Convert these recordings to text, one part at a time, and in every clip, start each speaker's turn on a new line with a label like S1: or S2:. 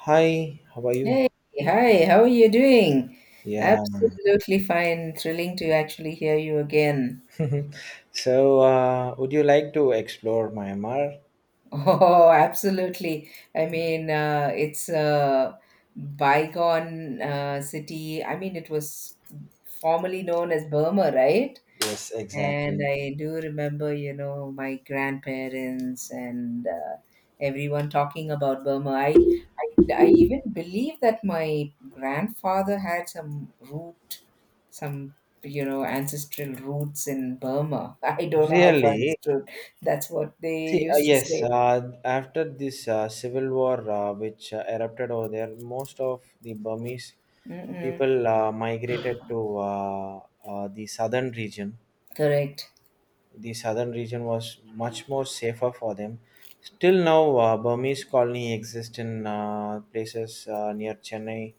S1: Hi, how are you?
S2: Hey, hi, how are you doing?
S1: Yeah.
S2: Absolutely fine. Thrilling to actually hear you again.
S1: So, would you like to explore Myanmar?
S2: Oh, absolutely. I mean, it's a bygone city. I mean, it was formerly known as Burma, right?
S1: Yes,
S2: And
S1: exactly.
S2: I do remember, you know, my grandparents and everyone talking about Burma. I even believe that my grandfather had some root, some, you know, ancestral roots in Burma. I don't know how far it's
S1: Really?
S2: true. That's what they
S1: See,
S2: used to
S1: yes,
S2: say.
S1: after this civil war which erupted over there, most of the Burmese
S2: Mm-mm.
S1: people migrated to the southern region.
S2: Correct.
S1: The southern region was much more safer for them. Still now, Burmese colony exists in places near Chennai.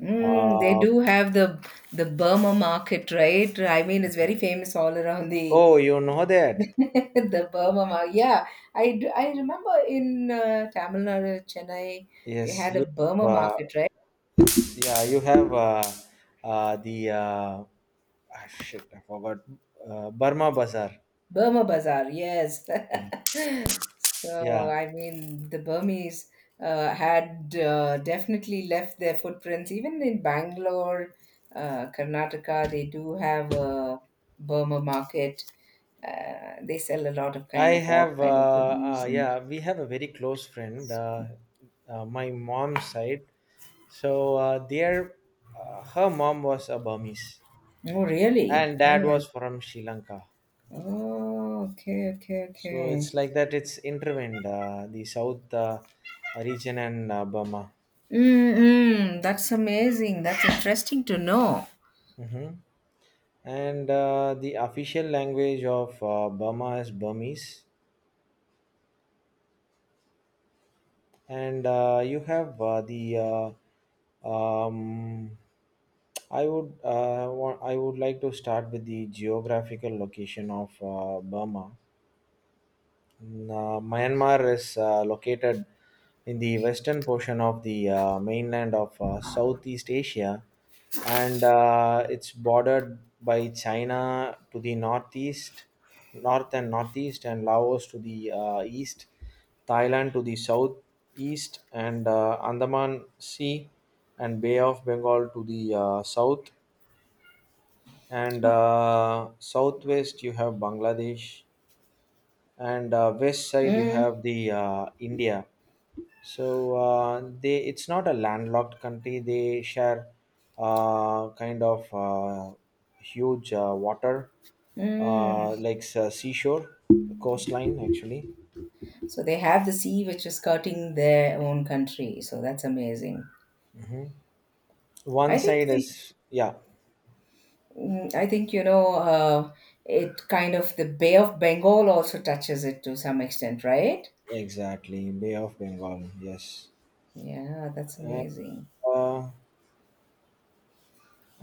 S2: Mm, they
S1: Uh,
S2: do have the Burma market, right? I mean, it's very famous all around the
S1: Oh, you know that?
S2: the Burma Mao. Yeah, I remember in Tamil Nadu, Chennai, they
S1: Yes,
S2: had
S1: you.
S2: a Burma
S1: Uh,
S2: market, right?
S1: yeah, you have the shit. I forgot. Burma Bazaar.
S2: Burma Bazaar, yes. So,
S1: Yeah, yeah.
S2: I mean, the Burmese had definitely left their footprints. Even in Bangalore, Karnataka, they do have a Burma market. They sell a lot of
S1: I
S2: kind of all
S1: have.
S2: kind of
S1: Uh,
S2: goodies
S1: uh,
S2: and
S1: yeah, we have a very close friend. My mom's side. So there, her mom was a Burmese,
S2: oh really?
S1: and dad
S2: Hmm.
S1: was from Sri Lanka.
S2: Oh, okay, okay,
S1: So
S2: okay.
S1: it's like that. It's intervened the South region and Burma.
S2: Mm-mm, that's amazing. That's interesting to know.
S1: Mm-hmm. And the official language of Burma is Burmese. And you have the uh, um, I would like to start with the geographical location of Burma. And Myanmar is located in the western portion of the mainland of Southeast Asia, and it's bordered by China to the northeast, north and northeast, and Laos to the east, Thailand to the southeast, and Andaman Sea and Bay of Bengal to the south, and southwest you have Bangladesh and west side you
S2: Mm,
S1: have the India. So they it's not a landlocked country. They share kind of huge water,
S2: mm.
S1: like seashore coastline actually.
S2: So they have the sea which is skirting their own country. So that's amazing.
S1: Hmm. One
S2: I think
S1: side
S2: the,
S1: is, yeah.
S2: I think you know, it kind of the Bay of Bengal also touches it to some extent, right?
S1: Exactly, Bay of Bengal, yes.
S2: Yeah, that's
S1: and
S2: amazing.
S1: uh,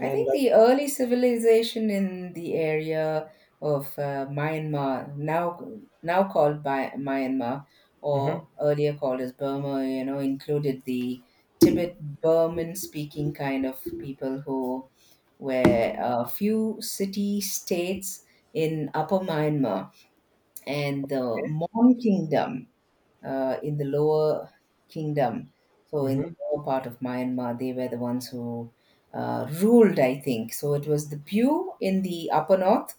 S2: I think the early civilization in the area of Myanmar, now called by Myanmar or
S1: Hmm.
S2: earlier called as Burma, you know, included the Tibet Burman speaking kind of people who were a few city states in Upper Myanmar and the Mon Kingdom in the lower kingdom, so in the
S1: Hmm.
S2: lower part of Myanmar, they were the ones who ruled, I think. So it was the Pyu in the upper north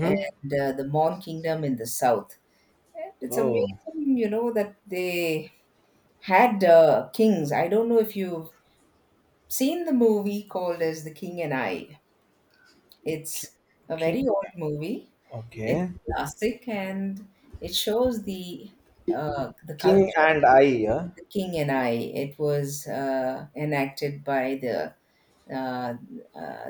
S2: and the Mon kingdom in the south. And it's
S1: Oh,
S2: amazing, you know, that they had kings. I don't know if you've seen the movie called as The King and I. It's a very
S1: King.
S2: old movie. It's
S1: Okay.
S2: a classic and it shows the
S1: King
S2: culture
S1: and I. Yeah.
S2: The King and I. It was enacted by uh, uh,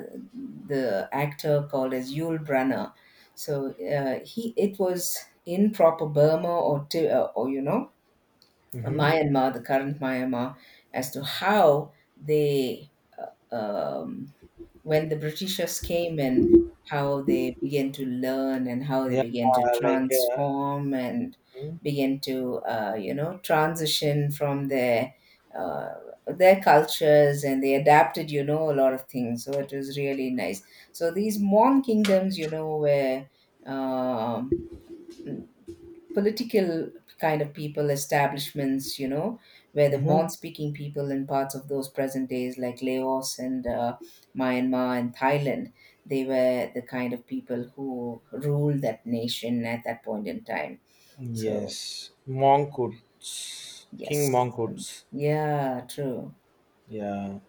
S2: the actor called as Yul Brynner. So he it was in proper Burma or or you know
S1: Hmm.
S2: Myanmar, the current Myanmar, as to how they. Um, when the Britishers came in, how they began to learn and how they
S1: Yeah,
S2: began to
S1: like.
S2: transform and begin to, you know, transition from uh, their cultures and they adapted, you know, a lot of things. So it was really nice. So these Mon kingdoms, you know, were um, political kind of people establishments, you know, where the Mon
S1: Mhm.
S2: speaking people in parts of those present days like Laos and Myanmar and Thailand, they were the kind of people who ruled that nation at that point in time, so
S1: Yes, Mongkut's. King
S2: yes, um,
S1: Mongkut's.
S2: yeah, true.
S1: Yeah,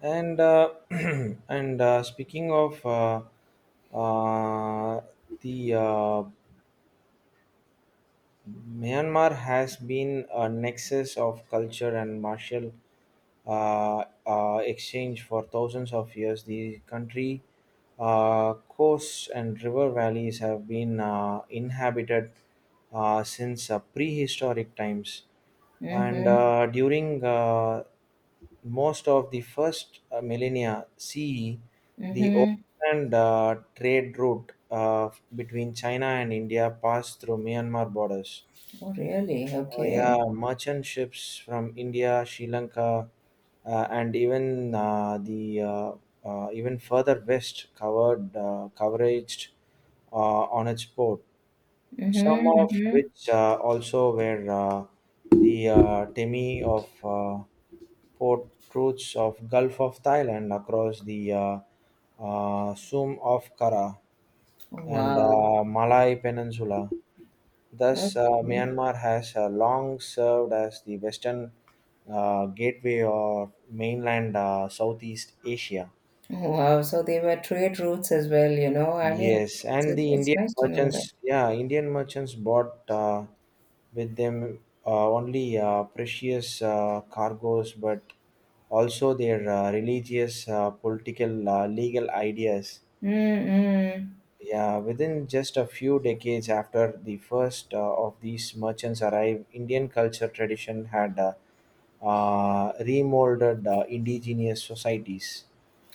S1: and and speaking of uh, the Myanmar has been a nexus of culture and martial exchange for thousands of years. The country coasts and river valleys have been inhabited since prehistoric times. And
S2: Mhm,
S1: during most of the first millennia CE, the
S2: mhm.
S1: open trade route between China and India passed through Myanmar borders.
S2: Oh really,
S1: Yeah,
S2: okay.
S1: merchant ships from India, Sri Lanka, and even the even further west covered coveraged uh, on its port, some
S2: Mhm,
S1: of
S2: mhm.
S1: which also were the Temi of port routes of Gulf of Thailand across the Sum of Kara and
S2: Wow,
S1: Malay Peninsula. Thus,
S2: okay.
S1: Myanmar has long served as the western gateway of mainland Southeast Asia.
S2: Oh, wow, so they were trade routes as well, you know, I mean
S1: Yes,
S2: it's,
S1: and the
S2: it's
S1: Indian
S2: nice to know that.
S1: merchants, yeah, Indian merchants bought with them only precious cargoes, but also their religious, political, legal ideas.
S2: 嗯嗯。
S1: Yeah, within just a few decades after the first of these merchants arrived, Indian culture tradition had remolded indigenous societies.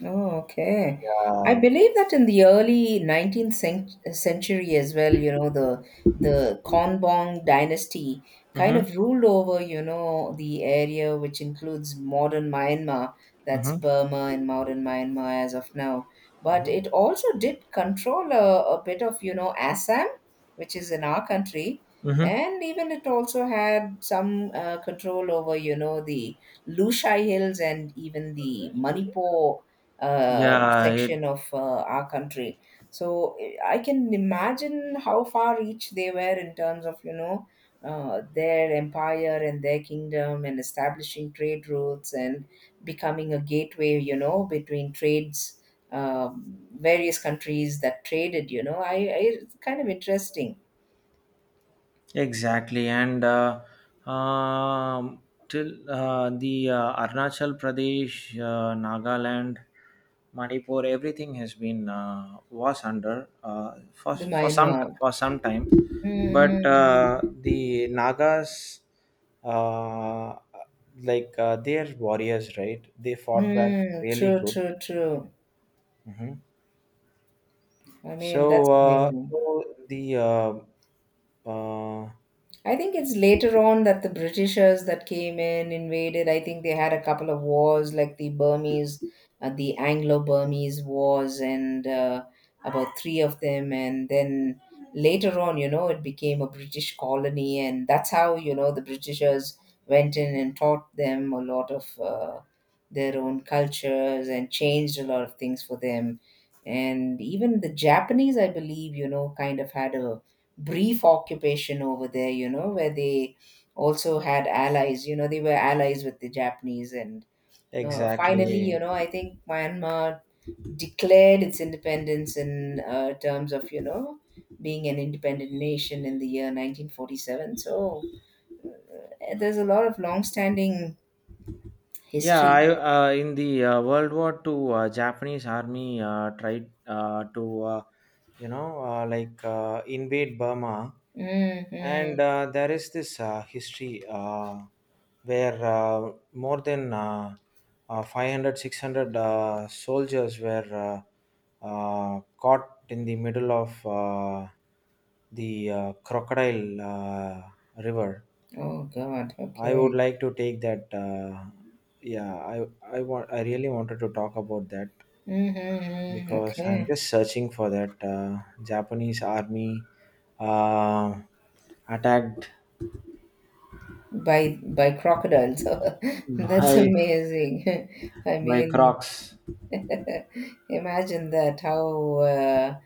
S2: Oh, okay. I
S1: Uh,
S2: believe that in the early century as well, you know, the Konbaung dynasty kind
S1: Mm-hmm.
S2: of ruled over, you know, the area which includes modern Myanmar, that's
S1: Mm-hmm.
S2: Burma and modern Myanmar as of now. But it also did control a bit of, you know, Assam, which is in our country,
S1: Mm-hmm.
S2: and even it also had some control over, you know, the Lushai Hills and even the Manipur
S1: Yeah, it
S2: section of our country. So I can imagine how far reach they were in terms of, you know, their empire and their kingdom and establishing trade routes and becoming a gateway, you know, between trades, various countries that traded. You know, I it's kind of interesting
S1: exactly, and um, till the Arunachal Pradesh, Nagaland, Manipur, everything has been was under for
S2: the
S1: for some
S2: Myanmar.
S1: for some time, but
S2: Mm-hmm.
S1: the Nagas, uh, like they're warriors, right? They
S2: Mm,
S1: fought back
S2: mm. Mm,
S1: really
S2: true,
S1: good.
S2: true, true.
S1: Hmm.
S2: I mean, that's
S1: So, uh,
S2: amazing.
S1: so the
S2: I think it's later on that the Britishers that came in invaded. I think they had a couple of wars, like the Burmese, the Anglo-Burmese wars, and about three of them. And then later on, you know, it became a British colony, and that's how you know the Britishers went in and taught them a lot of their own cultures and changed a lot of things for them. And even the Japanese, I believe, you know, kind of had a brief occupation over there, you know, where they also had allies, you know, they were allies with the Japanese. And finally, you
S1: exactly.
S2: know, I think Myanmar declared its independence in terms of, you know, being an independent nation in the year 1947. So there's a lot of long standing
S1: Yeah, I
S2: history.
S1: in the World War II, Japanese army tried to like invade Burma,
S2: Hmm.
S1: and there is this history where more than 500 soldiers were caught in the middle of the crocodile river.
S2: Oh, God.
S1: I would
S2: Okay.
S1: like to take that. Yeah, I really wanted to talk about that
S2: Mm-hmm.
S1: because I'm
S2: Okay.
S1: just searching for that Japanese army uh, attacked
S2: By crocodiles. That's
S1: by
S2: amazing. I mean,
S1: Crocs.
S2: imagine that how uh,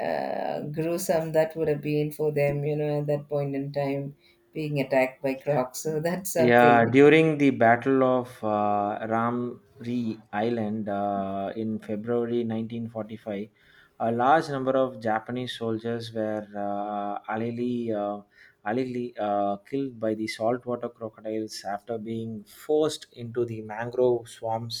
S2: uh, gruesome that would have been for them, you know, at that point in time, being attacked by crocs. So that's
S1: Yeah,
S2: something.
S1: during the Battle of Ramri Island in February 1945, a large number of Japanese soldiers were allegedly killed by the saltwater crocodiles after being forced into the mangrove swamps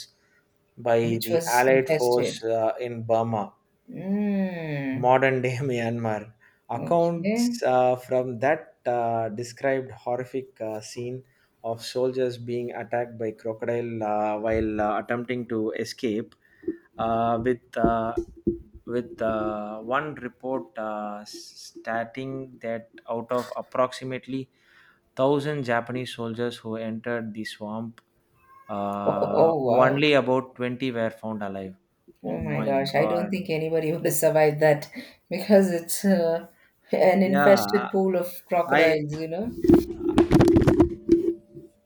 S1: by
S2: Which
S1: the
S2: was
S1: Allied
S2: infested.
S1: force in Burma,
S2: Mm,
S1: modern day Myanmar. Accounts
S2: okay.
S1: from that described horrific scene of soldiers being attacked by crocodile while attempting to escape. Uh, with uh, with one report stating that out of approximately 1,000 Japanese soldiers who entered the swamp,
S2: Oh, oh, oh, wow.
S1: only about 20 were found alive. Oh
S2: Oh my
S1: my
S2: gosh. I don't
S1: god!
S2: think anybody would have survived that because it's an
S1: Yeah,
S2: infested pool of
S1: I
S2: crocodiles, you know.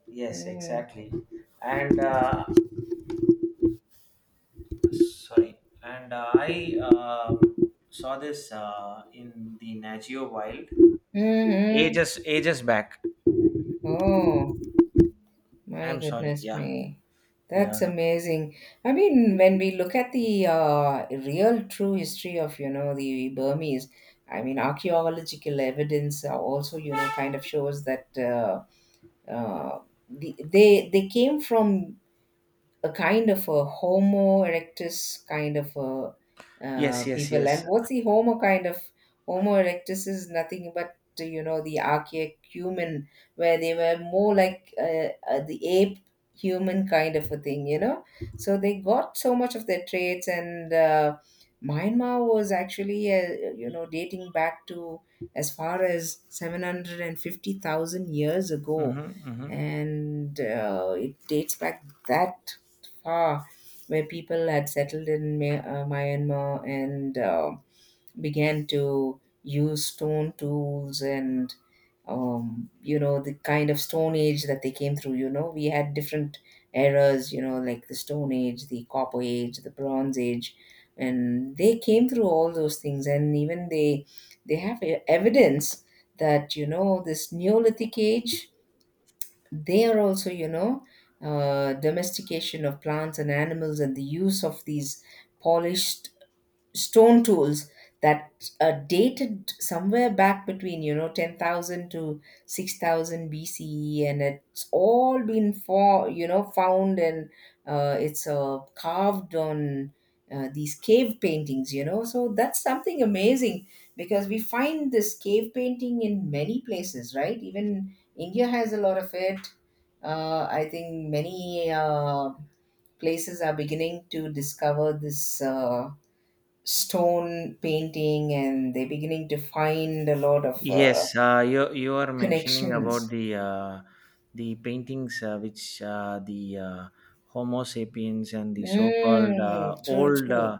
S1: yes,
S2: Mm.
S1: exactly. And sorry, and I saw this in the Nat Geo Wild
S2: Hmm, hmm.
S1: ages ages back.
S2: Oh. My
S1: I'm sorry.
S2: goodness
S1: Yeah,
S2: me. That's
S1: yeah.
S2: amazing. I mean, when we look at the real true history of, you know, the Burmese, I mean, archaeological evidence also, you know, kind of shows that uh, they came from a kind of a Homo erectus kind of a
S1: Yes, yes,
S2: people.
S1: yes.
S2: And what's the Homo kind of Homo erectus is nothing but, you know, the archaic human where they were more like the ape human kind of a thing, you know. So they got so much of their traits, and Myanmar was actually you know dating back to as far as 750,000 years ago
S1: Mm-hmm, mm-hmm.
S2: and it dates back that, Ah, where people had settled in Myanmar and began to use stone tools and, you know, the kind of stone age that they came through. You know, we had different eras, you know, like the stone age, the copper age, the bronze age, and they came through all those things. And even they have evidence that, you know, this Neolithic age they are also, you know, domestication of plants and animals and the use of these polished stone tools that are dated somewhere back between, you know, 10,000 to 6000 BCE and it's all been for, you know, found and it's carved on these cave paintings, you know, so that's something amazing because we find this cave painting in many places, right? Even India has a lot of it. I think many places are beginning to discover this stone painting and they're beginning to find a lot of
S1: Yes, you are mentioning about
S2: connections.
S1: the the paintings which the Homo sapiens and the so-called
S2: Mm, true,
S1: old,
S2: true.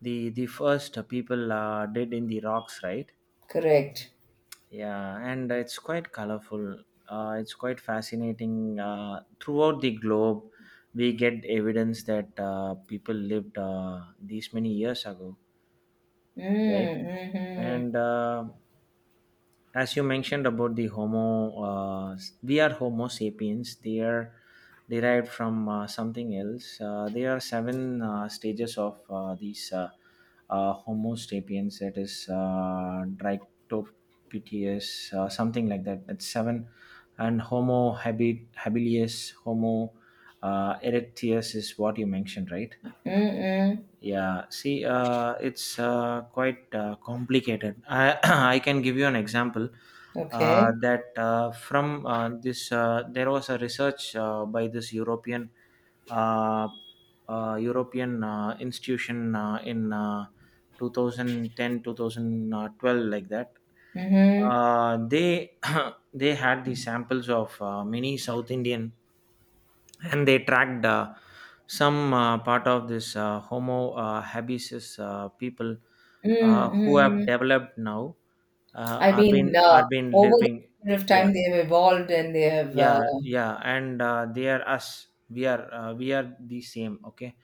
S1: the first people did in the rocks, right?
S2: Correct.
S1: Yeah, and it's quite colorful. It's quite fascinating. Throughout the globe, we get evidence that people lived these many years ago, right?
S2: Mm,
S1: And as you mentioned about the homo, we are homo sapiens. They are derived from something else. There are seven stages of these homo sapiens, that is dryctopithecus, something like that. That's seven, and homo habilis, homo erectus is what you mentioned, right?
S2: mm-hmm. Mm-mm.
S1: Yeah, see, it's quite complicated. I I can give you an example
S2: Okay.
S1: that from this there was a research by this uh, European institution in 2010, like that.
S2: Mm-hmm.
S1: They they had the samples of many South Indian and they tracked some part of this Homo habeas people who have
S2: Mm-mm.
S1: developed now
S2: I mean,
S1: are been
S2: over the
S1: living.
S2: period of
S1: Yeah,
S2: time, they have evolved and they have.
S1: yeah, yeah, and they are us, we are the same, okay.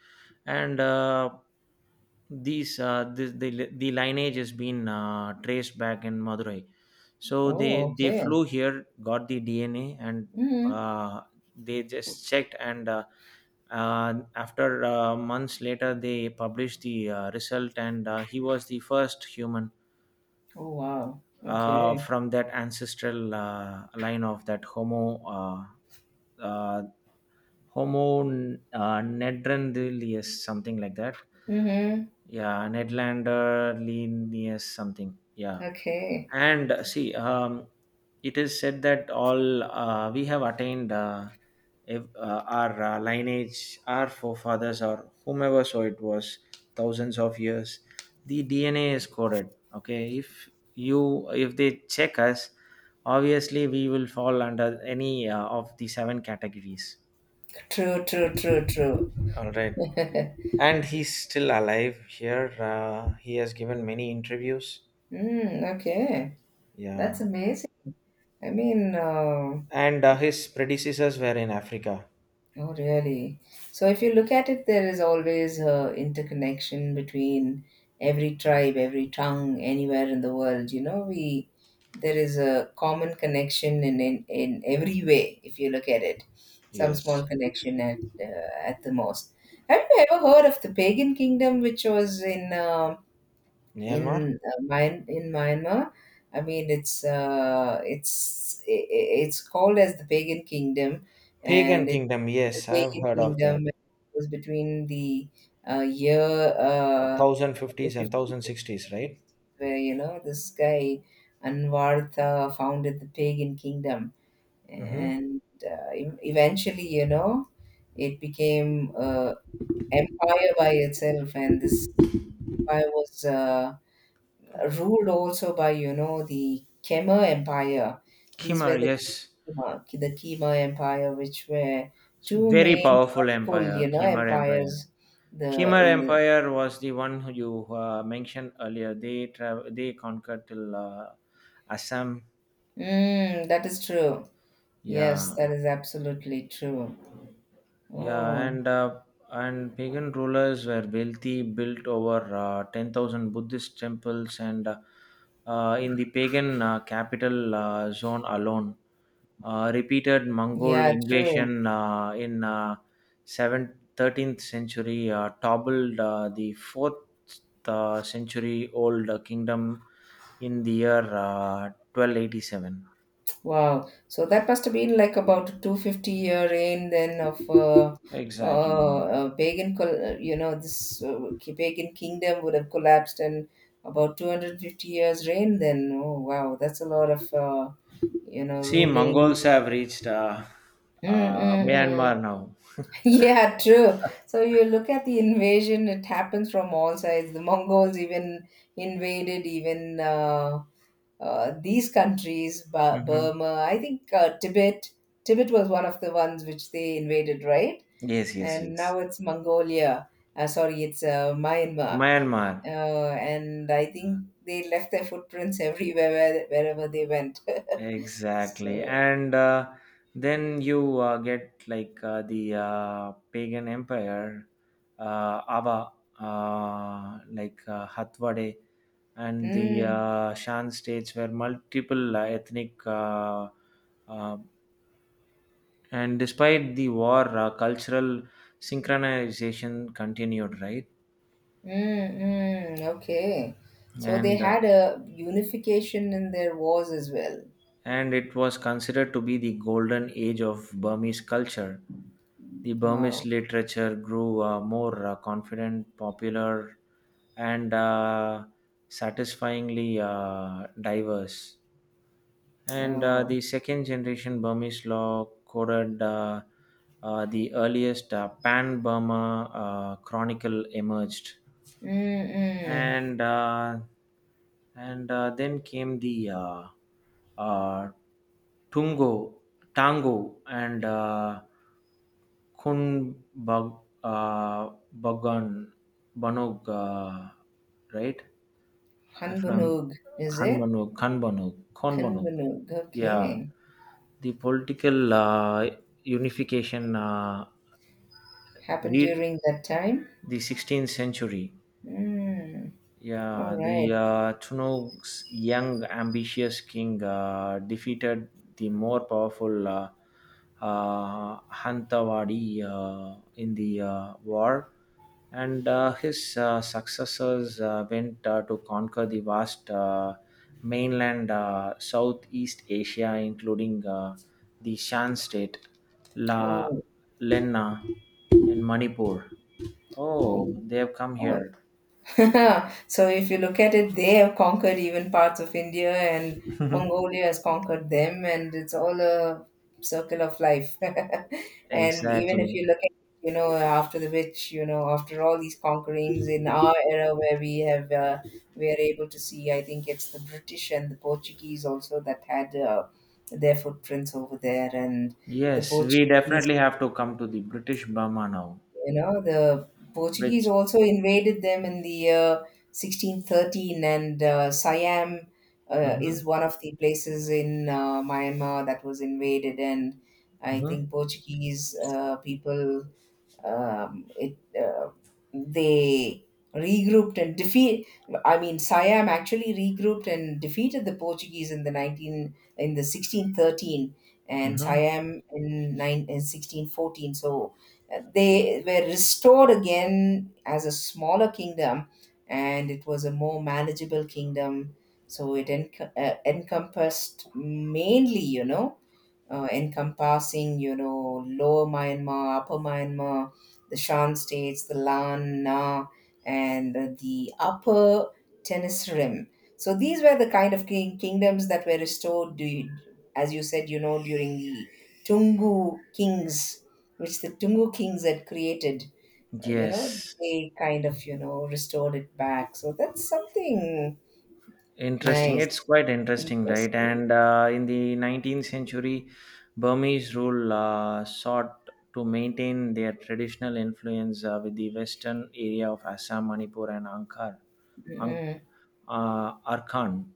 S1: And the lineage has been traced back in Madurai. So
S2: Oh,
S1: they flew
S2: okay.
S1: here, got the DNA, and
S2: Mm.
S1: uh, they just checked, and after months later they published the result. And he was the first human
S2: Oh, wow. Okay.
S1: from that ancestral line of that uh, Homo Nedlandrius, something like that.
S2: Mm-hmm.
S1: Yeah, Nedlandrius, something. Yeah,
S2: Okay.
S1: and see, it is said that all we have attained if, our lineage, our forefathers, or whomever so it was, thousands of years. The DNA is coded. Okay, if you if they check us, obviously we will fall under any of the seven categories.
S2: True, true, true, true.
S1: All right.
S2: Mm,
S1: And he's still alive here. He has given many interviews.
S2: okay. That's
S1: Yeah.
S2: amazing. I mean,
S1: And his predecessors were in Africa.
S2: oh, really? So, if you look at it, there is always interconnection between every tribe, every tongue, anywhere in the world. You know, we there is a common connection in in every way. If you look at it, some
S1: Yes.
S2: small connection at the most. Have you ever heard of the pagan kingdom, which was
S1: Myanmar?
S2: in in Myanmar. I mean, it's called as the pagan kingdom,
S1: Pagan
S2: and it
S1: kingdom.
S2: the
S1: Yes, I've
S2: pagan
S1: heard of that.
S2: kingdom was between the year uh,
S1: 1050s and
S2: 50 to
S1: 1060s, right?
S2: 60, where you know this guy Anwartha founded the pagan kingdom,
S1: Mm-hmm.
S2: and eventually, you know, it became empire by itself, and this empire was. Ruled also by, you know, the Khmer Empire. These
S1: Khmer,
S2: were
S1: yes.
S2: The Khmer Empire, which were
S1: It's
S2: two
S1: very
S2: main
S1: powerful
S2: powerful, you
S1: empire,
S2: know,
S1: Khmer Empire.
S2: empires. The
S1: Khmer
S2: in the
S1: Empire was the one who you mentioned earlier. They travel, they conquered till Assam.
S2: mm, that is true. Yes,
S1: Yeah,
S2: that is absolutely true.
S1: yeah,
S2: Oh,
S1: and pagan rulers were wealthy, built over 10,000 Buddhist temples, and in the pagan capital zone alone, repeated Mongol
S2: yeah, true.
S1: invasion in 7th, 13th century toppled the 4th century old kingdom in the year 1287.
S2: Wow. So that must have been like about a 250-year reign then of
S1: Exactly.
S2: you know, this pagan kingdom would have collapsed in about 250 years reign then. Oh, wow. That's a lot of, you know,
S1: See,
S2: ruling.
S1: Mongols have reached
S2: Mm-mm-mm.
S1: Myanmar now.
S2: Yeah, true. So you look at the invasion, it happens from all sides. The Mongols even invaded, even these countries,
S1: Hmm.
S2: Burma, I think Tibet. Tibet was one of the ones which they invaded, right?
S1: Yes, yes,
S2: And
S1: yes.
S2: now it's Mongolia. Sorry, it's Myanmar. Uh,
S1: Myanmar,
S2: and I think they left their footprints everywhere, wherever they went.
S1: exactly.
S2: So,
S1: And then you get like the pagan empire, Ava, like Hathwade, and the
S2: mm,
S1: Shan states where multiple ethnic uh, and despite the war, cultural synchronization continued, right?
S2: mm, mm, okay. So they
S1: And uh,
S2: had a unification in their wars as well.
S1: and it was considered to be the golden age of Burmese culture. The Burmese
S2: Wow.
S1: literature grew more confident, popular, and satisfyingly diverse. And
S2: Oh.
S1: the second generation Burmese law coded the earliest Pan Burma chronicle emerged,
S2: Mm-mm.
S1: and uh, and then came the uh, tungo tango and kun bag, uh, bagan banog, right, if I'm
S2: Hanbanug, is it?
S1: kanbanog, kanbanog, konbanog.
S2: Kanbanug.
S1: Yeah,
S2: Okay.
S1: the political unification,
S2: Happened
S1: read
S2: during that time?
S1: the 16th century.
S2: Mm. All
S1: Yeah, the
S2: right.
S1: Chunuk's young, ambitious king defeated the more powerful Hantawadi in the war, and his successors went to conquer the vast mainland Southeast Asia, including the Shan state, La
S2: Oh,
S1: Lena, and Manipur.
S2: oh,
S1: Oh, they have come
S2: wow.
S1: here.
S2: So if you look at it, they have conquered even parts of India, and Mongolia has conquered them, and it's all a circle of life. And even
S1: Exactly.
S2: if you look at, after the which, after all these conquerings in our era where we have, we are able to see. I think it's the British and the Portuguese also that had, their footprints over there, and the
S1: Yes, we
S2: portuguese
S1: definitely have to come to the British Burma now,
S2: the Portuguese
S1: which.
S2: also invaded them in the year 1613, and Siam is
S1: Mhm,
S2: one of the places in Myanmar that was invaded. And I
S1: mhm,
S2: think Portuguese, people, it, they regrouped and defeat. I mean, Siam actually regrouped and defeated the Portuguese in the 19, in the 1613, and
S1: mhm.
S2: Siam in, nine, in 1614. So, they were restored again as a smaller kingdom, and it was a more manageable kingdom. So it encompassed mainly, encompassing, Lower Myanmar, Upper Myanmar, the Shan states, the Lan, Na, and the Upper Tennis Rim. So these were the kind of kingdoms that were restored, as you said, during the Tungu kings, which the Tungu kings had created. Uh, you know,
S1: Yes,
S2: they kind of, restored it back. So that's something
S1: interesting. It's
S2: nice.
S1: quite interesting, right?
S2: Interesting.
S1: And in the 19th century, Burmese rule sought to maintain their traditional influence with the western area of Assam, Manipur, and Angkor, Ang-
S2: Mm.
S1: Arkhan.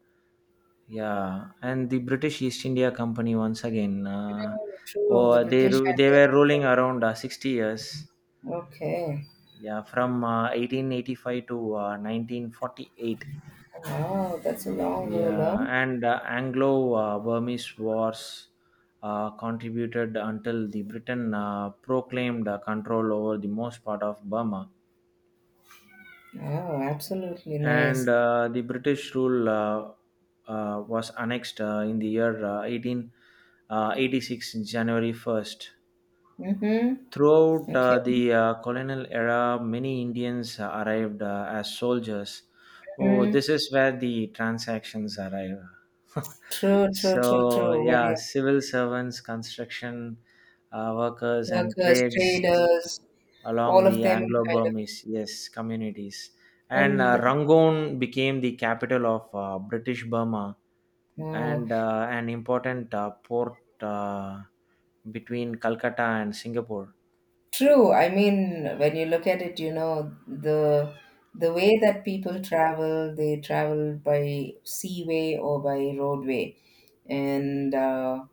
S1: Yeah, and the British East India Company once again,
S2: True, the
S1: or they
S2: British
S1: they were
S2: had.
S1: ruling around 60 years.
S2: Okay.
S1: Yeah, from 1885 to 1948.
S2: Wow, that's a long roll, huh?
S1: Yeah, and Anglo-Burmese Wars contributed until the Britain proclaimed control over the most part of Burma.
S2: Wow, absolutely
S1: And
S2: nice.
S1: The British rule was annexed in the year 1886, January 1st.
S2: Mm-hmm.
S1: Throughout
S2: Okay.
S1: the colonial era, many Indians arrived as soldiers. Oh,
S2: Hmm.
S1: this is where the transactions arrive.
S2: True, true, true, true. When
S1: Yeah,
S2: you.
S1: civil servants, construction workers, and
S2: Workers,
S1: trades
S2: traders,
S1: along
S2: all of
S1: the
S2: them
S1: Anglo
S2: kind of.
S1: Burmese, yes, communities. And
S2: And,
S1: Rangoon became the capital of British Burma,
S2: oh,
S1: and an important port between Calcutta and Singapore.
S2: true. I mean, when you look at it, the way that people travel, they travel by seaway or by roadway. And,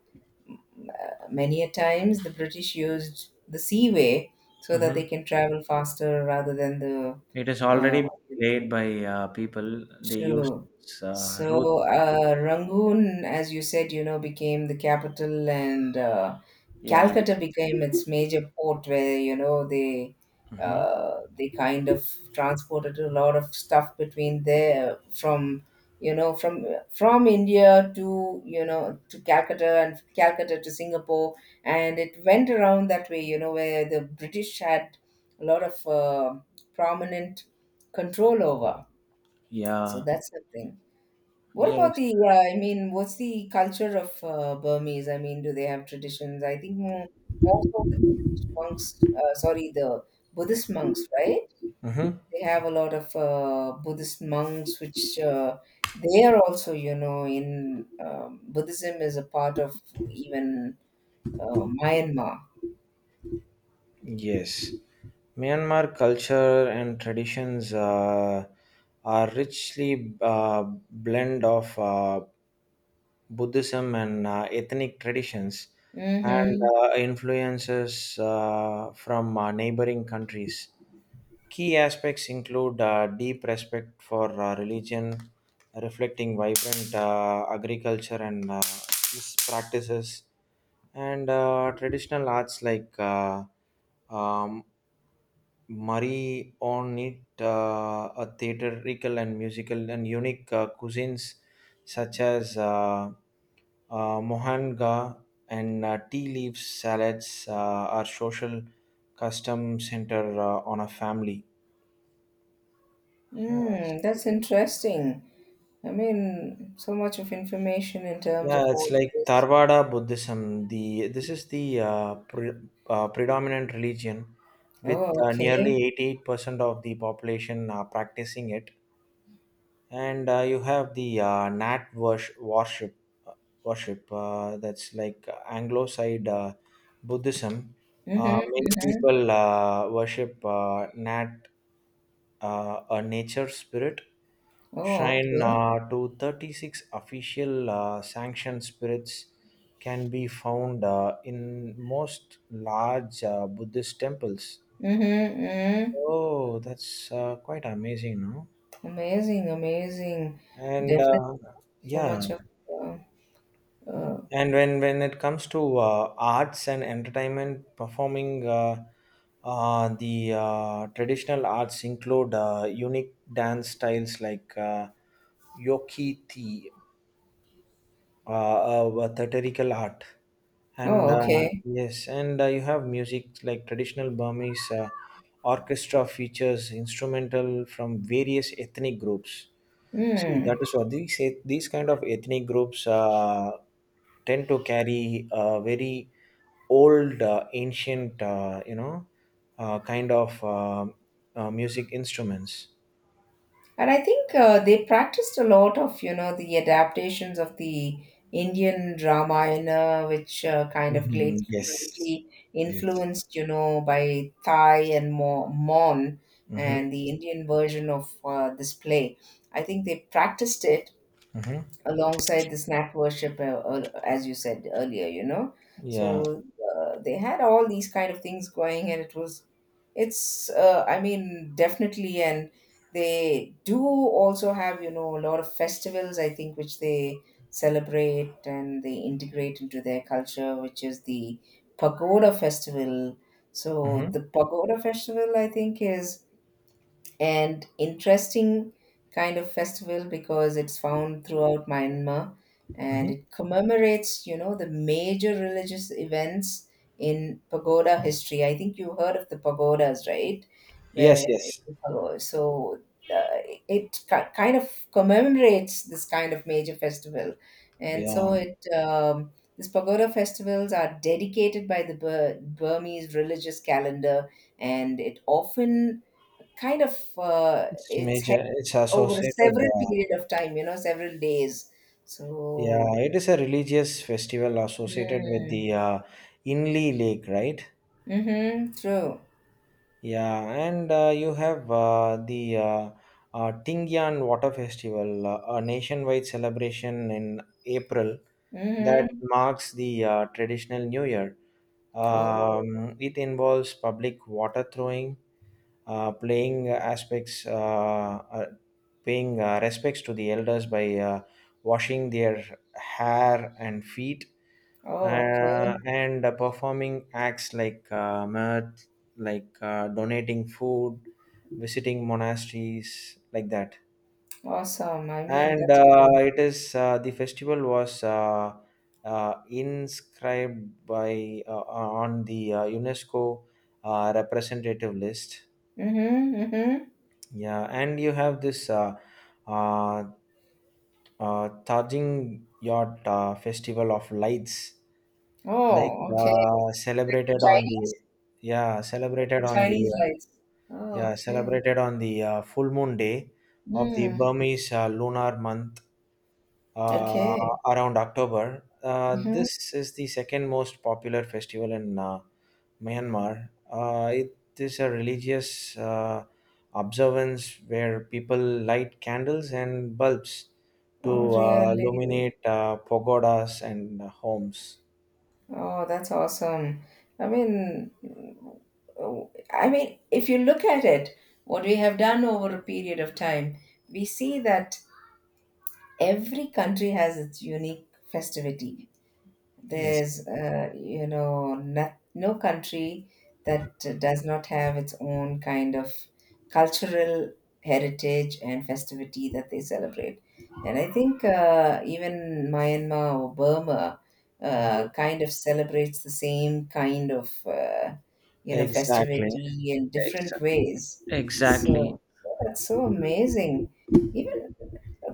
S2: many a times the British used the seaway so that they
S1: Mhm.
S2: can travel faster rather than the.
S1: It is
S2: uh,
S1: already played by people. They use
S2: Sure. So,
S1: roots.
S2: Rangoon, as you said, became the capital, and
S1: Yeah.
S2: Calcutta became its major port, where they,
S1: Hmm.
S2: they kind of transported a lot of stuff between there you know from from India, to you know to Calcutta, and Calcutta to Singapore, and it went around that way, where the British had a lot of, prominent control over. So
S1: Yeah.
S2: that's the thing. What about
S1: Yes.
S2: the, I mean, what's the culture of, Burmese? I mean, do they have traditions? I think more so with the Buddhist monks, sorry, the Buddhist monks, right?
S1: Hmm.
S2: They have a lot of, Buddhist monks, which, they are also, you know, in Buddhism is a part of even, Myanmar.
S1: Yes, Myanmar culture and traditions are richly blend of Buddhism and ethnic traditions and
S2: Mm-hmm.
S1: influences from neighboring countries. Key aspects include deep respect for religion, reflecting vibrant agriculture and practices, and traditional arts like um, Murray on it, a theatrical and musical and unique cuisines such as mohanga and tea leaf salads are social custom center on a family. Yeah, it's-
S2: Mm, that's interesting. I mean, so much of information in terms
S1: yeah,
S2: of all
S1: it's
S2: of
S1: like
S2: this.
S1: Tarvada Buddhism. The this is the predominant religion with
S2: Oh, okay.
S1: nearly 88% of the population practicing it, and you have the Nat uh, worship that's like Anglo side Buddhism.
S2: Mhm,
S1: Many
S2: mhm.
S1: people worship Nat, a nature spirit
S2: Oh,
S1: shrine
S2: okay.
S1: to 36 official sanctioned spirits can be found in most large Buddhist temples.
S2: Mhm, mhm.
S1: Oh, that's quite amazing, no?
S2: Amazing, amazing.
S1: And
S2: Definitely
S1: uh,
S2: so
S1: yeah,
S2: much of, uh, uh,
S1: and when it comes to arts and entertainment performing, the traditional arts include unique dance styles like yokiti, theatrical art, and
S2: oh,
S1: uh,
S2: okay.
S1: yes, and you have music like traditional Burmese orchestra features instrumental from various ethnic groups. See,
S2: Hmm.
S1: that is what these kind of ethnic groups tend to carry a very old ancient, kind of music instruments.
S2: And I think, they practiced a lot of, the adaptations of the Indian Ramayana, which, kind of
S1: Mhm.
S2: great,
S1: Yes.
S2: greatly
S1: Yes.
S2: influenced, by Thai and Mo Mon,
S1: Hmm.
S2: and the Indian version of, this play. I think they practiced it
S1: Hmm.
S2: alongside the snap worship, as you said earlier.
S1: Yeah.
S2: So, they had all these kind of things going, and it was, it's, I mean definitely, and they do also have, a lot of festivals I think which they celebrate, and they integrate into their culture, which is the pagoda festival. So
S1: Hmm.
S2: the pagoda festival, I think, is and interesting kind of festival because it's found throughout Myanmar, and
S1: Hmm.
S2: it commemorates, the major religious events in pagoda history. I think you heard of the pagodas, right?
S1: Yes,
S2: Where,
S1: yes.
S2: so, uh, it kind of commemorates this kind of major festival, and so
S1: yeah
S2: it. These pagoda festivals are dedicated by the Burmese religious calendar, and it often kind of,
S1: it's
S2: it's held
S1: major it's
S2: over
S1: associated
S2: several period of time, several days.
S1: yeah,
S2: So,
S1: it is a religious festival associated with
S2: mm,
S1: the Inli Lake, right?
S2: mm-hmm, true.
S1: Yeah, and you have the Tingyan Water Festival, a nationwide celebration in April that
S2: Mm-hmm.
S1: marks the traditional New Year.
S2: Oh,
S1: It involves public water throwing, playing aspects, uh, paying respects to the elders by washing their hair and feet,
S2: oh, okay.
S1: and performing acts like mirth, like donating food, visiting monasteries, like that.
S2: Awesome. I mean,
S1: And
S2: that's what I.
S1: It is, the festival was inscribed by on the UNESCO representative list.
S2: Mm-hmm, mm-hmm.
S1: Yeah, and you have this uh, Tajing Yacht Festival of Lights, like
S2: Oh, okay. Like the
S1: celebrated on the
S2: Chinese,
S1: yeah
S2: like
S1: celebrated
S2: the
S1: on the
S2: Chinese rice. Oh,
S1: yeah
S2: okay.
S1: celebrated on the full moon day of the
S2: Mm,
S1: Burmese lunar month uh,
S2: okay.
S1: around October.
S2: Mm-hmm.
S1: This is the second most popular festival in Myanmar. It is a religious observance where people light candles and bulbs
S2: Oh,
S1: to
S2: really?
S1: illuminate pagodas and homes.
S2: Oh, that's awesome. I mean, oh, I mean, if you look at it, what we have done over a period of time, we see that every country has its unique festivity.
S1: Yes.
S2: There's, no country that does not have its own kind of cultural heritage and festivity that they celebrate. And I think, even Myanmar or Burma,
S1: Mhm.
S2: kind of celebrates the same kind of,
S1: Exactly.
S2: festivity in
S1: Ex-
S2: different ways.
S1: exactly.
S2: So that's so amazing. Even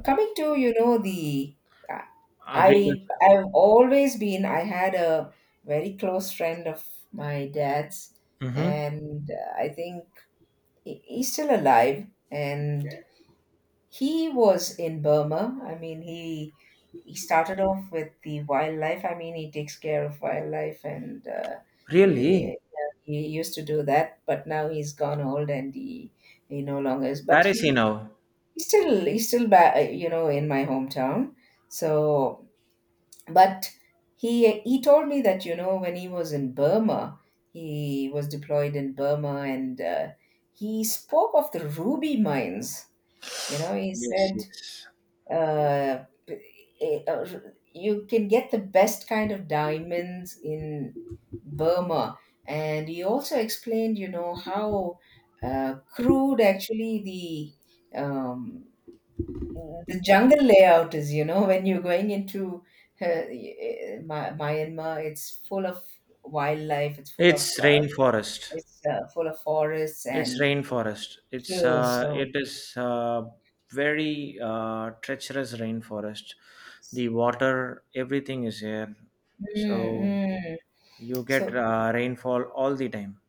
S2: coming to the, uh, i
S1: Agriculture.
S2: i've always been, I had a very close friend of my dad's,
S1: Mm-hmm.
S2: and, I think he's still alive, and he was in Burma. I mean, he started off with the wildlife. I mean, he takes care of wildlife, and, he,
S1: Really?
S2: he used to do that, but now he's gone old, and he no longer is, but
S1: Where is
S2: he,
S1: he now?
S2: he's still, he's still in my hometown. So, but he told me that, when he was in Burma, he was deployed in Burma, and, he spoke of the ruby mines. He
S1: Yes,
S2: said,
S1: yes.
S2: uh, eh, uh, you can get the best kind of diamonds in Burma. And he also explained, how, crude actually the, um, Mm. The jungle layout is, when you're going into, Myanmar, it's full of wildlife. It's full of,
S1: It's rainforest.
S2: it's, full of forests,
S1: It's
S2: and
S1: rainforest. It's
S2: true.
S1: uh,
S2: So,
S1: it is uh, very treacherous rainforest. The water, everything is here,
S2: mm,
S1: so
S2: mm.
S1: you get
S2: So,
S1: rainfall all the time.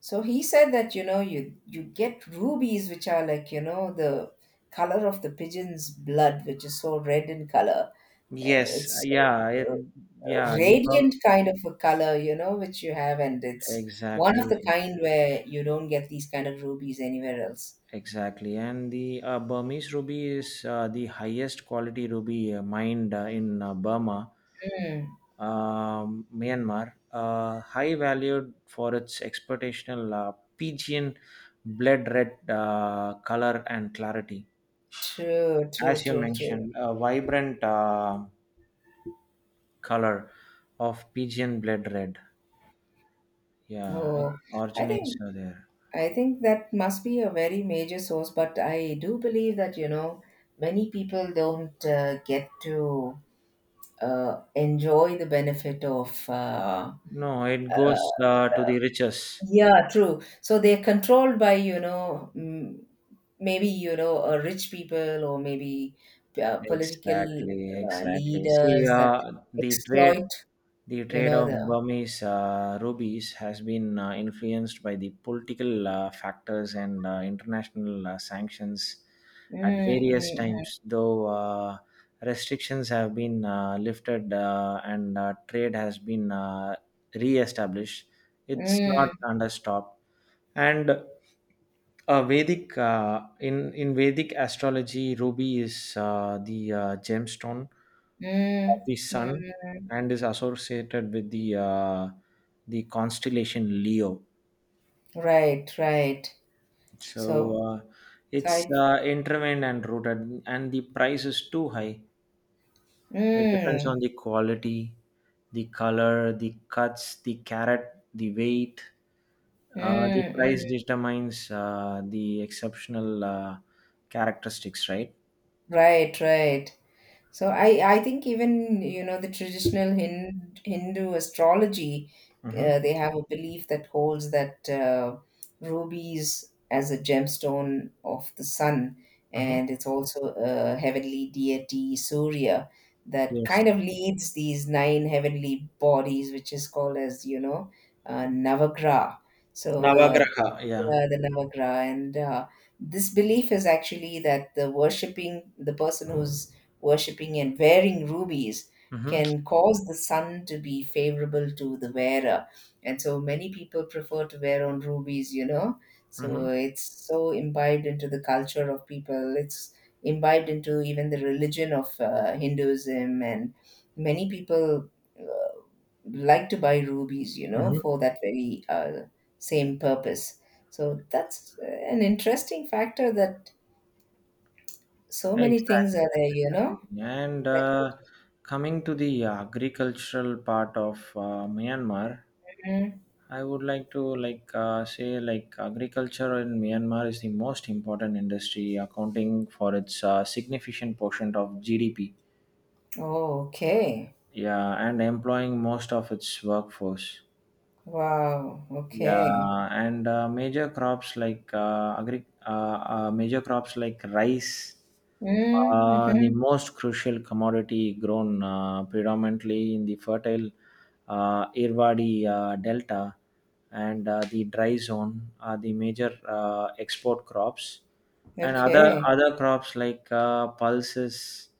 S2: so he said that, you get rubies which are like, the color of the pigeon's blood, which is so red in color.
S1: Yes,
S2: It's,
S1: yeah, it, yeah. The bump
S2: radiant kind of a color, which you have, and it's one of
S1: exactly.
S2: the kind where you don't get these kind of rubies anywhere else.
S1: Exactly, and the Burmese ruby is the highest quality ruby mined in Burma,
S2: Mm,
S1: Myanmar, high valued for its exportational pigeon blood red color and clarity.
S2: true, true,
S1: As you
S2: true, true.
S1: mentioned, a vibrant color of pigeon blood red. Yeah, it
S2: Oh, I
S1: originates
S2: think,
S1: there.
S2: I think that must be a very major source, but I do believe that, many people don't, get to, enjoy the benefit of,
S1: No, it
S2: uh,
S1: goes to the riches.
S2: yeah, true. So they're controlled by, mm, maybe, rich people, or maybe, political,
S1: Exactly, exactly. See,
S2: leaders that exploit,
S1: the trade of
S2: the.
S1: Burmese rubies has been influenced by the political factors and international sanctions
S2: Mm,
S1: at various
S2: mm,
S1: times, though restrictions have been lifted, and trade has been re established. It's not
S2: mm,
S1: under stop, and Vedic, in Vedic astrology, ruby is the gemstone of
S2: mm,
S1: the
S2: mm,
S1: sun
S2: mm.
S1: and is associated with the constellation Leo.
S2: Right, right. So,
S1: So
S2: so
S1: it's
S2: I.
S1: intervened and rooted, and the price is too high. It depends on
S2: Mm,
S1: the quality, the color, the cuts, the carrot, the weight.
S2: mm,
S1: The price
S2: mm.
S1: determines the exceptional characteristics, right?
S2: Right, right. So I think even the traditional Hindu, Hindu astrology,
S1: Mm-hmm.
S2: they have a belief that holds that, rubies as a gemstone of the sun,
S1: Mm-hmm.
S2: and it's also a heavenly deity Surya that
S1: Yes.
S2: kind of leads these nine heavenly bodies, which is called as Navagraha. So,
S1: Navagraha. Yeah.
S2: the Navagraha. And, this belief is actually that the worshipping, the person who's worshipping and wearing rubies
S1: Mm-hmm.
S2: can cause the sun to be favorable to the wearer. And so many people prefer to wear on rubies, So
S1: Mm-hmm.
S2: it's so imbibed into the culture of people. It's imbibed into even the religion of, Hinduism. And many people like to buy rubies,
S1: Mm-hmm.
S2: for that very, same purpose. So that's an interesting factor that so many things
S1: Exactly.
S2: are there,
S1: Exactly. And
S2: That could,
S1: Coming to the agricultural part of Myanmar,
S2: Mm.
S1: I would like to, like, say, like, agriculture in Myanmar is the most important industry, accounting for its significant portion of GDP.
S2: Oh, okay,
S1: Yeah, and employing most of its workforce.
S2: wow, okay.
S1: Yeah, and Major crops like rice,
S2: Mm, mm-hmm.
S1: the most crucial commodity grown predominantly in the fertile Irrawaddy delta and the dry zone are the major export crops, and other
S2: Okay,
S1: other crops like pulses,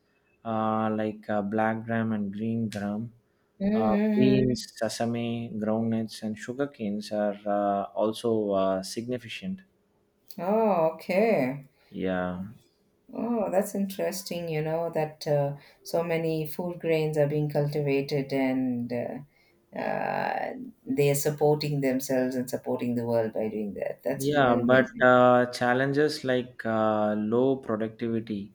S1: like black gram and green gram,
S2: mm-hmm.
S1: beans, sesame, groundnuts, and sugar canes are also significant.
S2: Mm-hmm. Oh, okay.
S1: Yeah,
S2: Oh, that's interesting, that, so many food grains are being cultivated, and, they are supporting themselves and supporting the world by doing that. That's
S1: yeah,
S2: really
S1: but
S2: amazing.
S1: challenges like low productivity,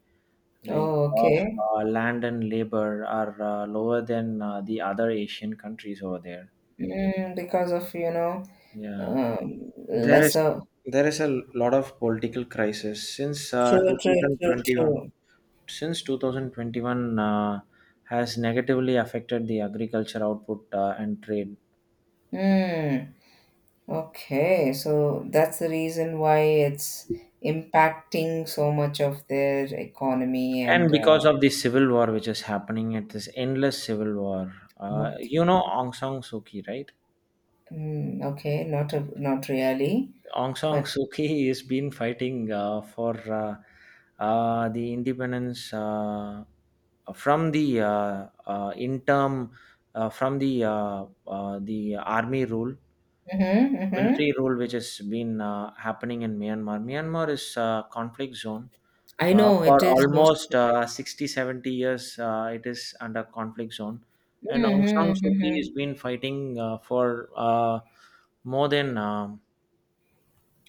S1: like
S2: Oh,
S1: of
S2: okay.
S1: land and labor, are lower than the other Asian countries over there.
S2: Mm, because of,
S1: Yeah, there is
S2: lesser.
S1: there is a lot of political crisis since
S2: True, true, true,
S1: 2021.
S2: true.
S1: Since 2021 has negatively affected the agriculture output and trade.
S2: Mm, okay. So that's the reason why it's impacting so much of their economy and,
S1: And because of the civil war, which is happening, at this endless civil war,
S2: okay.
S1: you know, Aung San Suu Kyi, right?
S2: Mm, okay, not a, not really,
S1: Aung San
S2: but
S1: Suu Kyi has been fighting for uh, the independence from the uh, uh, interim from the army rule,
S2: hmm, hmm.
S1: military rule, which has been happening in Myanmar. Myanmar is a conflict zone.
S2: I know
S1: For
S2: it is most.
S1: almost 60, 70 years, it is under conflict zone. And Aung San
S2: Mm-hmm,
S1: Suu Kyi
S2: mm-hmm.
S1: has been fighting for more than um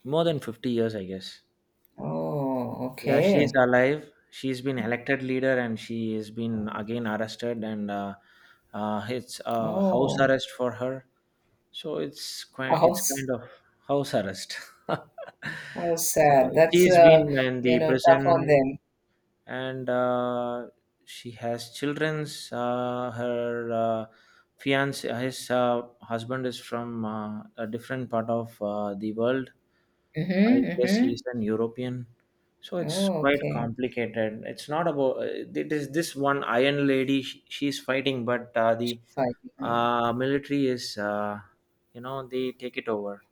S1: more than 50 years, I guess.
S2: Oh,
S1: Yeah, she's
S2: okay.
S1: alive. She's been elected leader, and she has been again arrested, and it's house
S2: Oh,
S1: arrest for her. So it's quite,
S2: how
S1: it's
S2: s-,
S1: kind of house arrest.
S2: how
S1: So
S2: sad. That's,
S1: she's been in the
S2: tough on
S1: prison,
S2: them.
S1: and she has childrens. Her fiance, his husband, is from a different part of the world.
S2: Mm-hmm,
S1: I guess he's
S2: mm-hmm.
S1: an European. So it's
S2: Oh,
S1: quite
S2: okay.
S1: complicated. It's not about it, is this one Iron Lady. She's fighting, but
S2: She's
S1: the
S2: fighting.
S1: military is, you know, they take it over.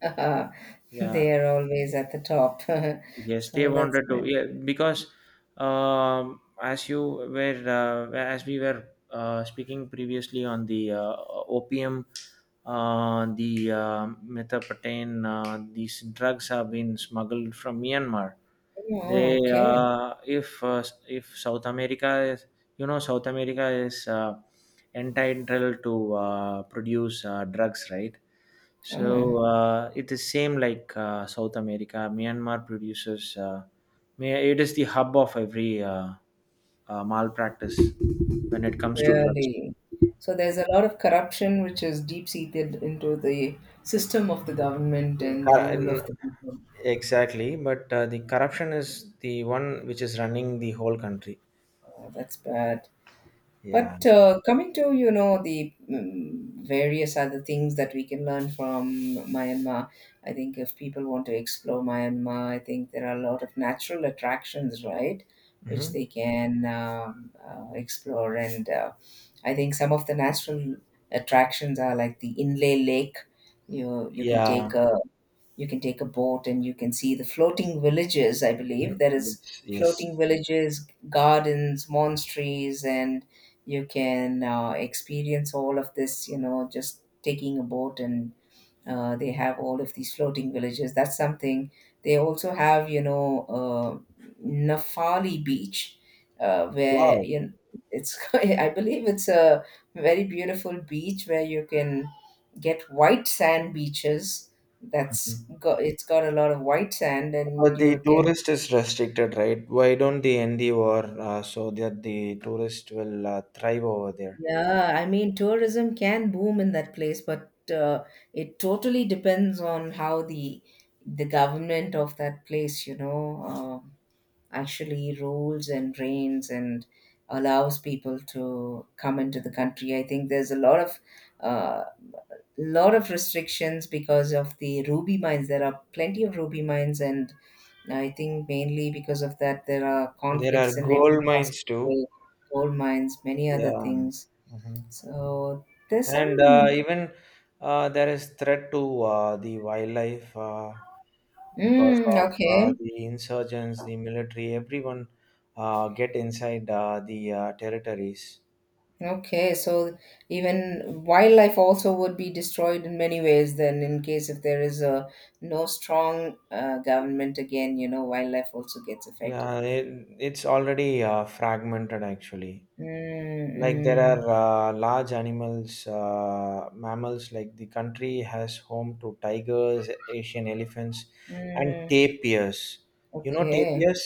S1: Yeah.
S2: They are always at the top.
S1: Yes, they
S2: So that's
S1: wanted to.
S2: it.
S1: Yeah, because, as you were, as we were speaking previously on the opium, the methamphetamine, these drugs have been smuggled from Myanmar.
S2: Oh,
S1: They,
S2: okay.
S1: if if South America is, you know, South America is entitled to produce drugs, right?
S2: Oh.
S1: So it is same like South America. Myanmar produces. It is the hub of every malpractice when it comes to drugs.
S2: Really. So there's a lot of corruption which is deep seated into the system of the government and the
S1: Cor-
S2: rule
S1: n-
S2: of the people.
S1: Exactly, but the corruption is the one which is running the whole country.
S2: Oh, that's bad.
S1: Yeah.
S2: But, coming to the mm, various other things that we can learn from Myanmar, I think if people want to explore Myanmar, I think there are a lot of natural attractions, right,
S1: Hmm.
S2: which they can, explore. And, I think some of the natural attractions are like the Inlay Lake. You can
S1: Yeah.
S2: take a, you can take a boat, and you can see the floating villages. I believe there is
S1: Yes. Yes.
S2: floating villages, gardens, monasteries, and you can, experience all of this, just taking a boat, and, they have all of these floating villages. That's something. They also have, Nafali Beach, where,
S1: Wow.
S2: it's. I believe it's a very beautiful beach where you can get white sand beaches. That's
S1: Mhm.
S2: got, it's got a lot of white sand, and
S1: But the
S2: you can.
S1: tourist is restricted, right? Why don't they end the war so that the tourist will thrive over there?
S2: Yeah, I mean, tourism can boom in that place, but, it totally depends on how the government of that place, actually rules and reigns and allows people to come into the country. I think there's a lot of, uh, lot of restrictions because of the ruby mines. There are plenty of ruby mines, and I think mainly because of that there are
S1: There are
S2: conflicts in every
S1: gold
S2: possible
S1: mines too.
S2: way. Gold mines, many other
S1: Yeah.
S2: things.
S1: Mhm.
S2: So there's
S1: And
S2: some.
S1: Even there is threat to the wildlife because
S2: Mm,
S1: of
S2: okay.
S1: the insurgents, the military, everyone get inside the territories.
S2: Okay, so even wildlife also would be destroyed in many ways then, in case if there is a no strong, government again, wildlife also gets affected.
S1: Yeah, it, it's already fragmented, actually.
S2: Mm,
S1: Like, there are
S2: mm,
S1: large animals, mammals, like, the country has home to tigers, Asian elephants, and
S2: mm,
S1: tapirs. You know,
S2: okay.
S1: tapirs,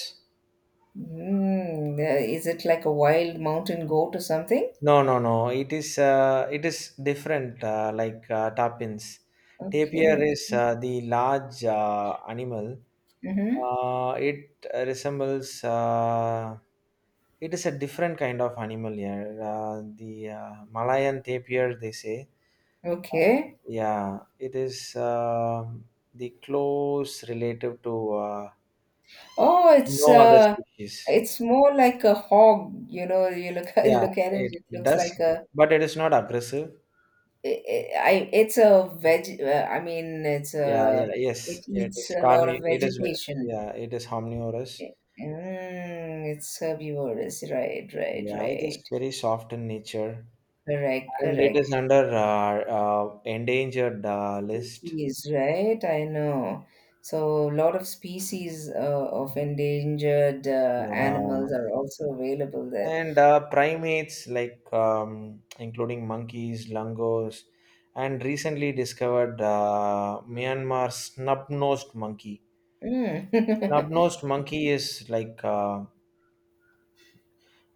S2: Mm, is it like a wild mountain goat or something?
S1: no, no, no, it is, different, like tapins, tapir
S2: Okay.
S1: is the large animal.
S2: Mm-hmm.
S1: It resembles, it is a different kind of animal here, uh, the Malayan tapir, they say.
S2: Okay.
S1: Yeah, it is, the close relative to
S2: Oh, it's
S1: no other
S2: uh,
S1: species.
S2: it's more like a hog, you look you
S1: Yeah,
S2: look at it,
S1: it
S2: it looks like
S1: does,
S2: a.
S1: but it is not aggressive.
S2: I it's a veg. I mean, it's
S1: Yeah, yeah,
S2: a, it
S1: yes, it
S2: eats
S1: is
S2: a lot of
S1: carni. It is ve-,
S2: vegetation.
S1: yeah, it is omnivorous.
S2: Mm, it's herbivorous, right? Right?
S1: Yeah, it
S2: Right?
S1: is very soft in nature,
S2: Correct?
S1: and it
S2: Correct.
S1: is under endangered list.
S2: Species, right? I know. So a lot of species of endangered,
S1: Yeah,
S2: animals are also available there.
S1: and primates like, including monkeys, langurs, and recently discovered Myanmar snub-nosed monkey.
S2: Mm.
S1: Snub-nosed monkey is like uh,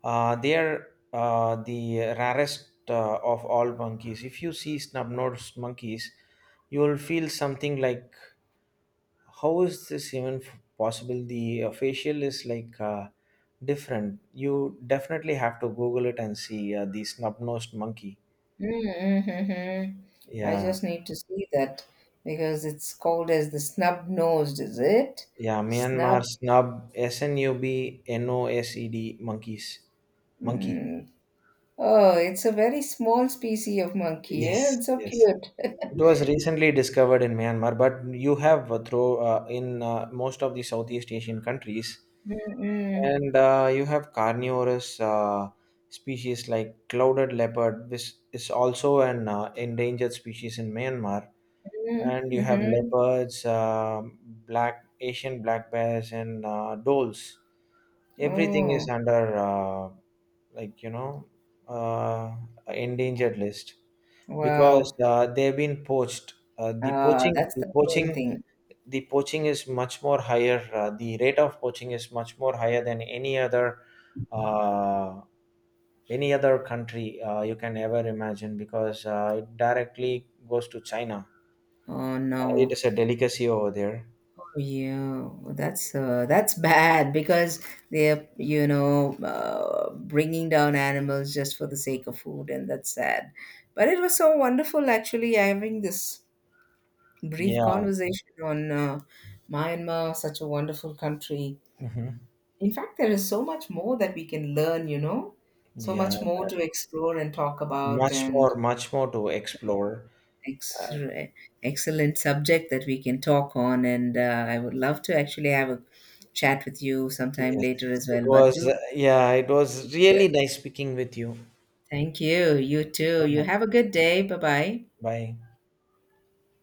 S1: uh, they are the rarest of all monkeys. If you see snub-nosed monkeys, you will feel something like, "How is this even possible?" The facial is like different. You definitely have to Google it and see the snub-nosed monkey.
S2: Mm-hmm. I
S1: Yeah,
S2: just need to see that because it's called as the snub-nosed, is it?
S1: yeah. Myanmar snub snub-nosed monkeys. Monkey.
S2: Mm. Oh, it's a very small species of monkey. Yeah?
S1: Yes,
S2: It's so
S1: yes.
S2: cute.
S1: It was recently discovered in Myanmar, but you have through in most of the Southeast Asian countries,
S2: Mm-mm.
S1: and you have carnivorous species like clouded leopard, which is also an endangered species in Myanmar. And
S2: Mm-hmm.
S1: you have
S2: Mm-hmm.
S1: leopards, black Asian black bears, and doles. Everything is
S2: Oh,
S1: under, like, you know, uh, endangered list because
S2: wow.
S1: they've been poached. Uh, the poaching,
S2: That's
S1: the
S2: the main
S1: poaching
S2: thing.
S1: the poaching is much more higher, the rate of poaching is much more higher than uh, any other country you can ever imagine, because it directly goes to China.
S2: Oh
S1: It
S2: no.
S1: is a delicacy over there.
S2: Oh, yeah, that's, that's bad because they're, bringing down animals just for the sake of food, and that's sad. But it was so wonderful actually having this brief
S1: Yeah.
S2: conversation on, Myanmar, such a wonderful country.
S1: Hmm.
S2: In fact, there is so much more that we can learn, so
S1: Yeah.
S2: much more to explore and talk about,
S1: much
S2: and
S1: more much more to explore.
S2: ex-,
S1: uh,
S2: excellent subject that we can talk on. And, I would love to actually have a chat with you sometime
S1: yes,
S2: later as
S1: it
S2: well. But
S1: was,
S2: do
S1: yeah, it was really nice speaking with you.
S2: thank you. You
S1: Thank you
S2: too.
S1: so
S2: You
S1: much.
S2: have a good day. Bye bye.
S1: Bye.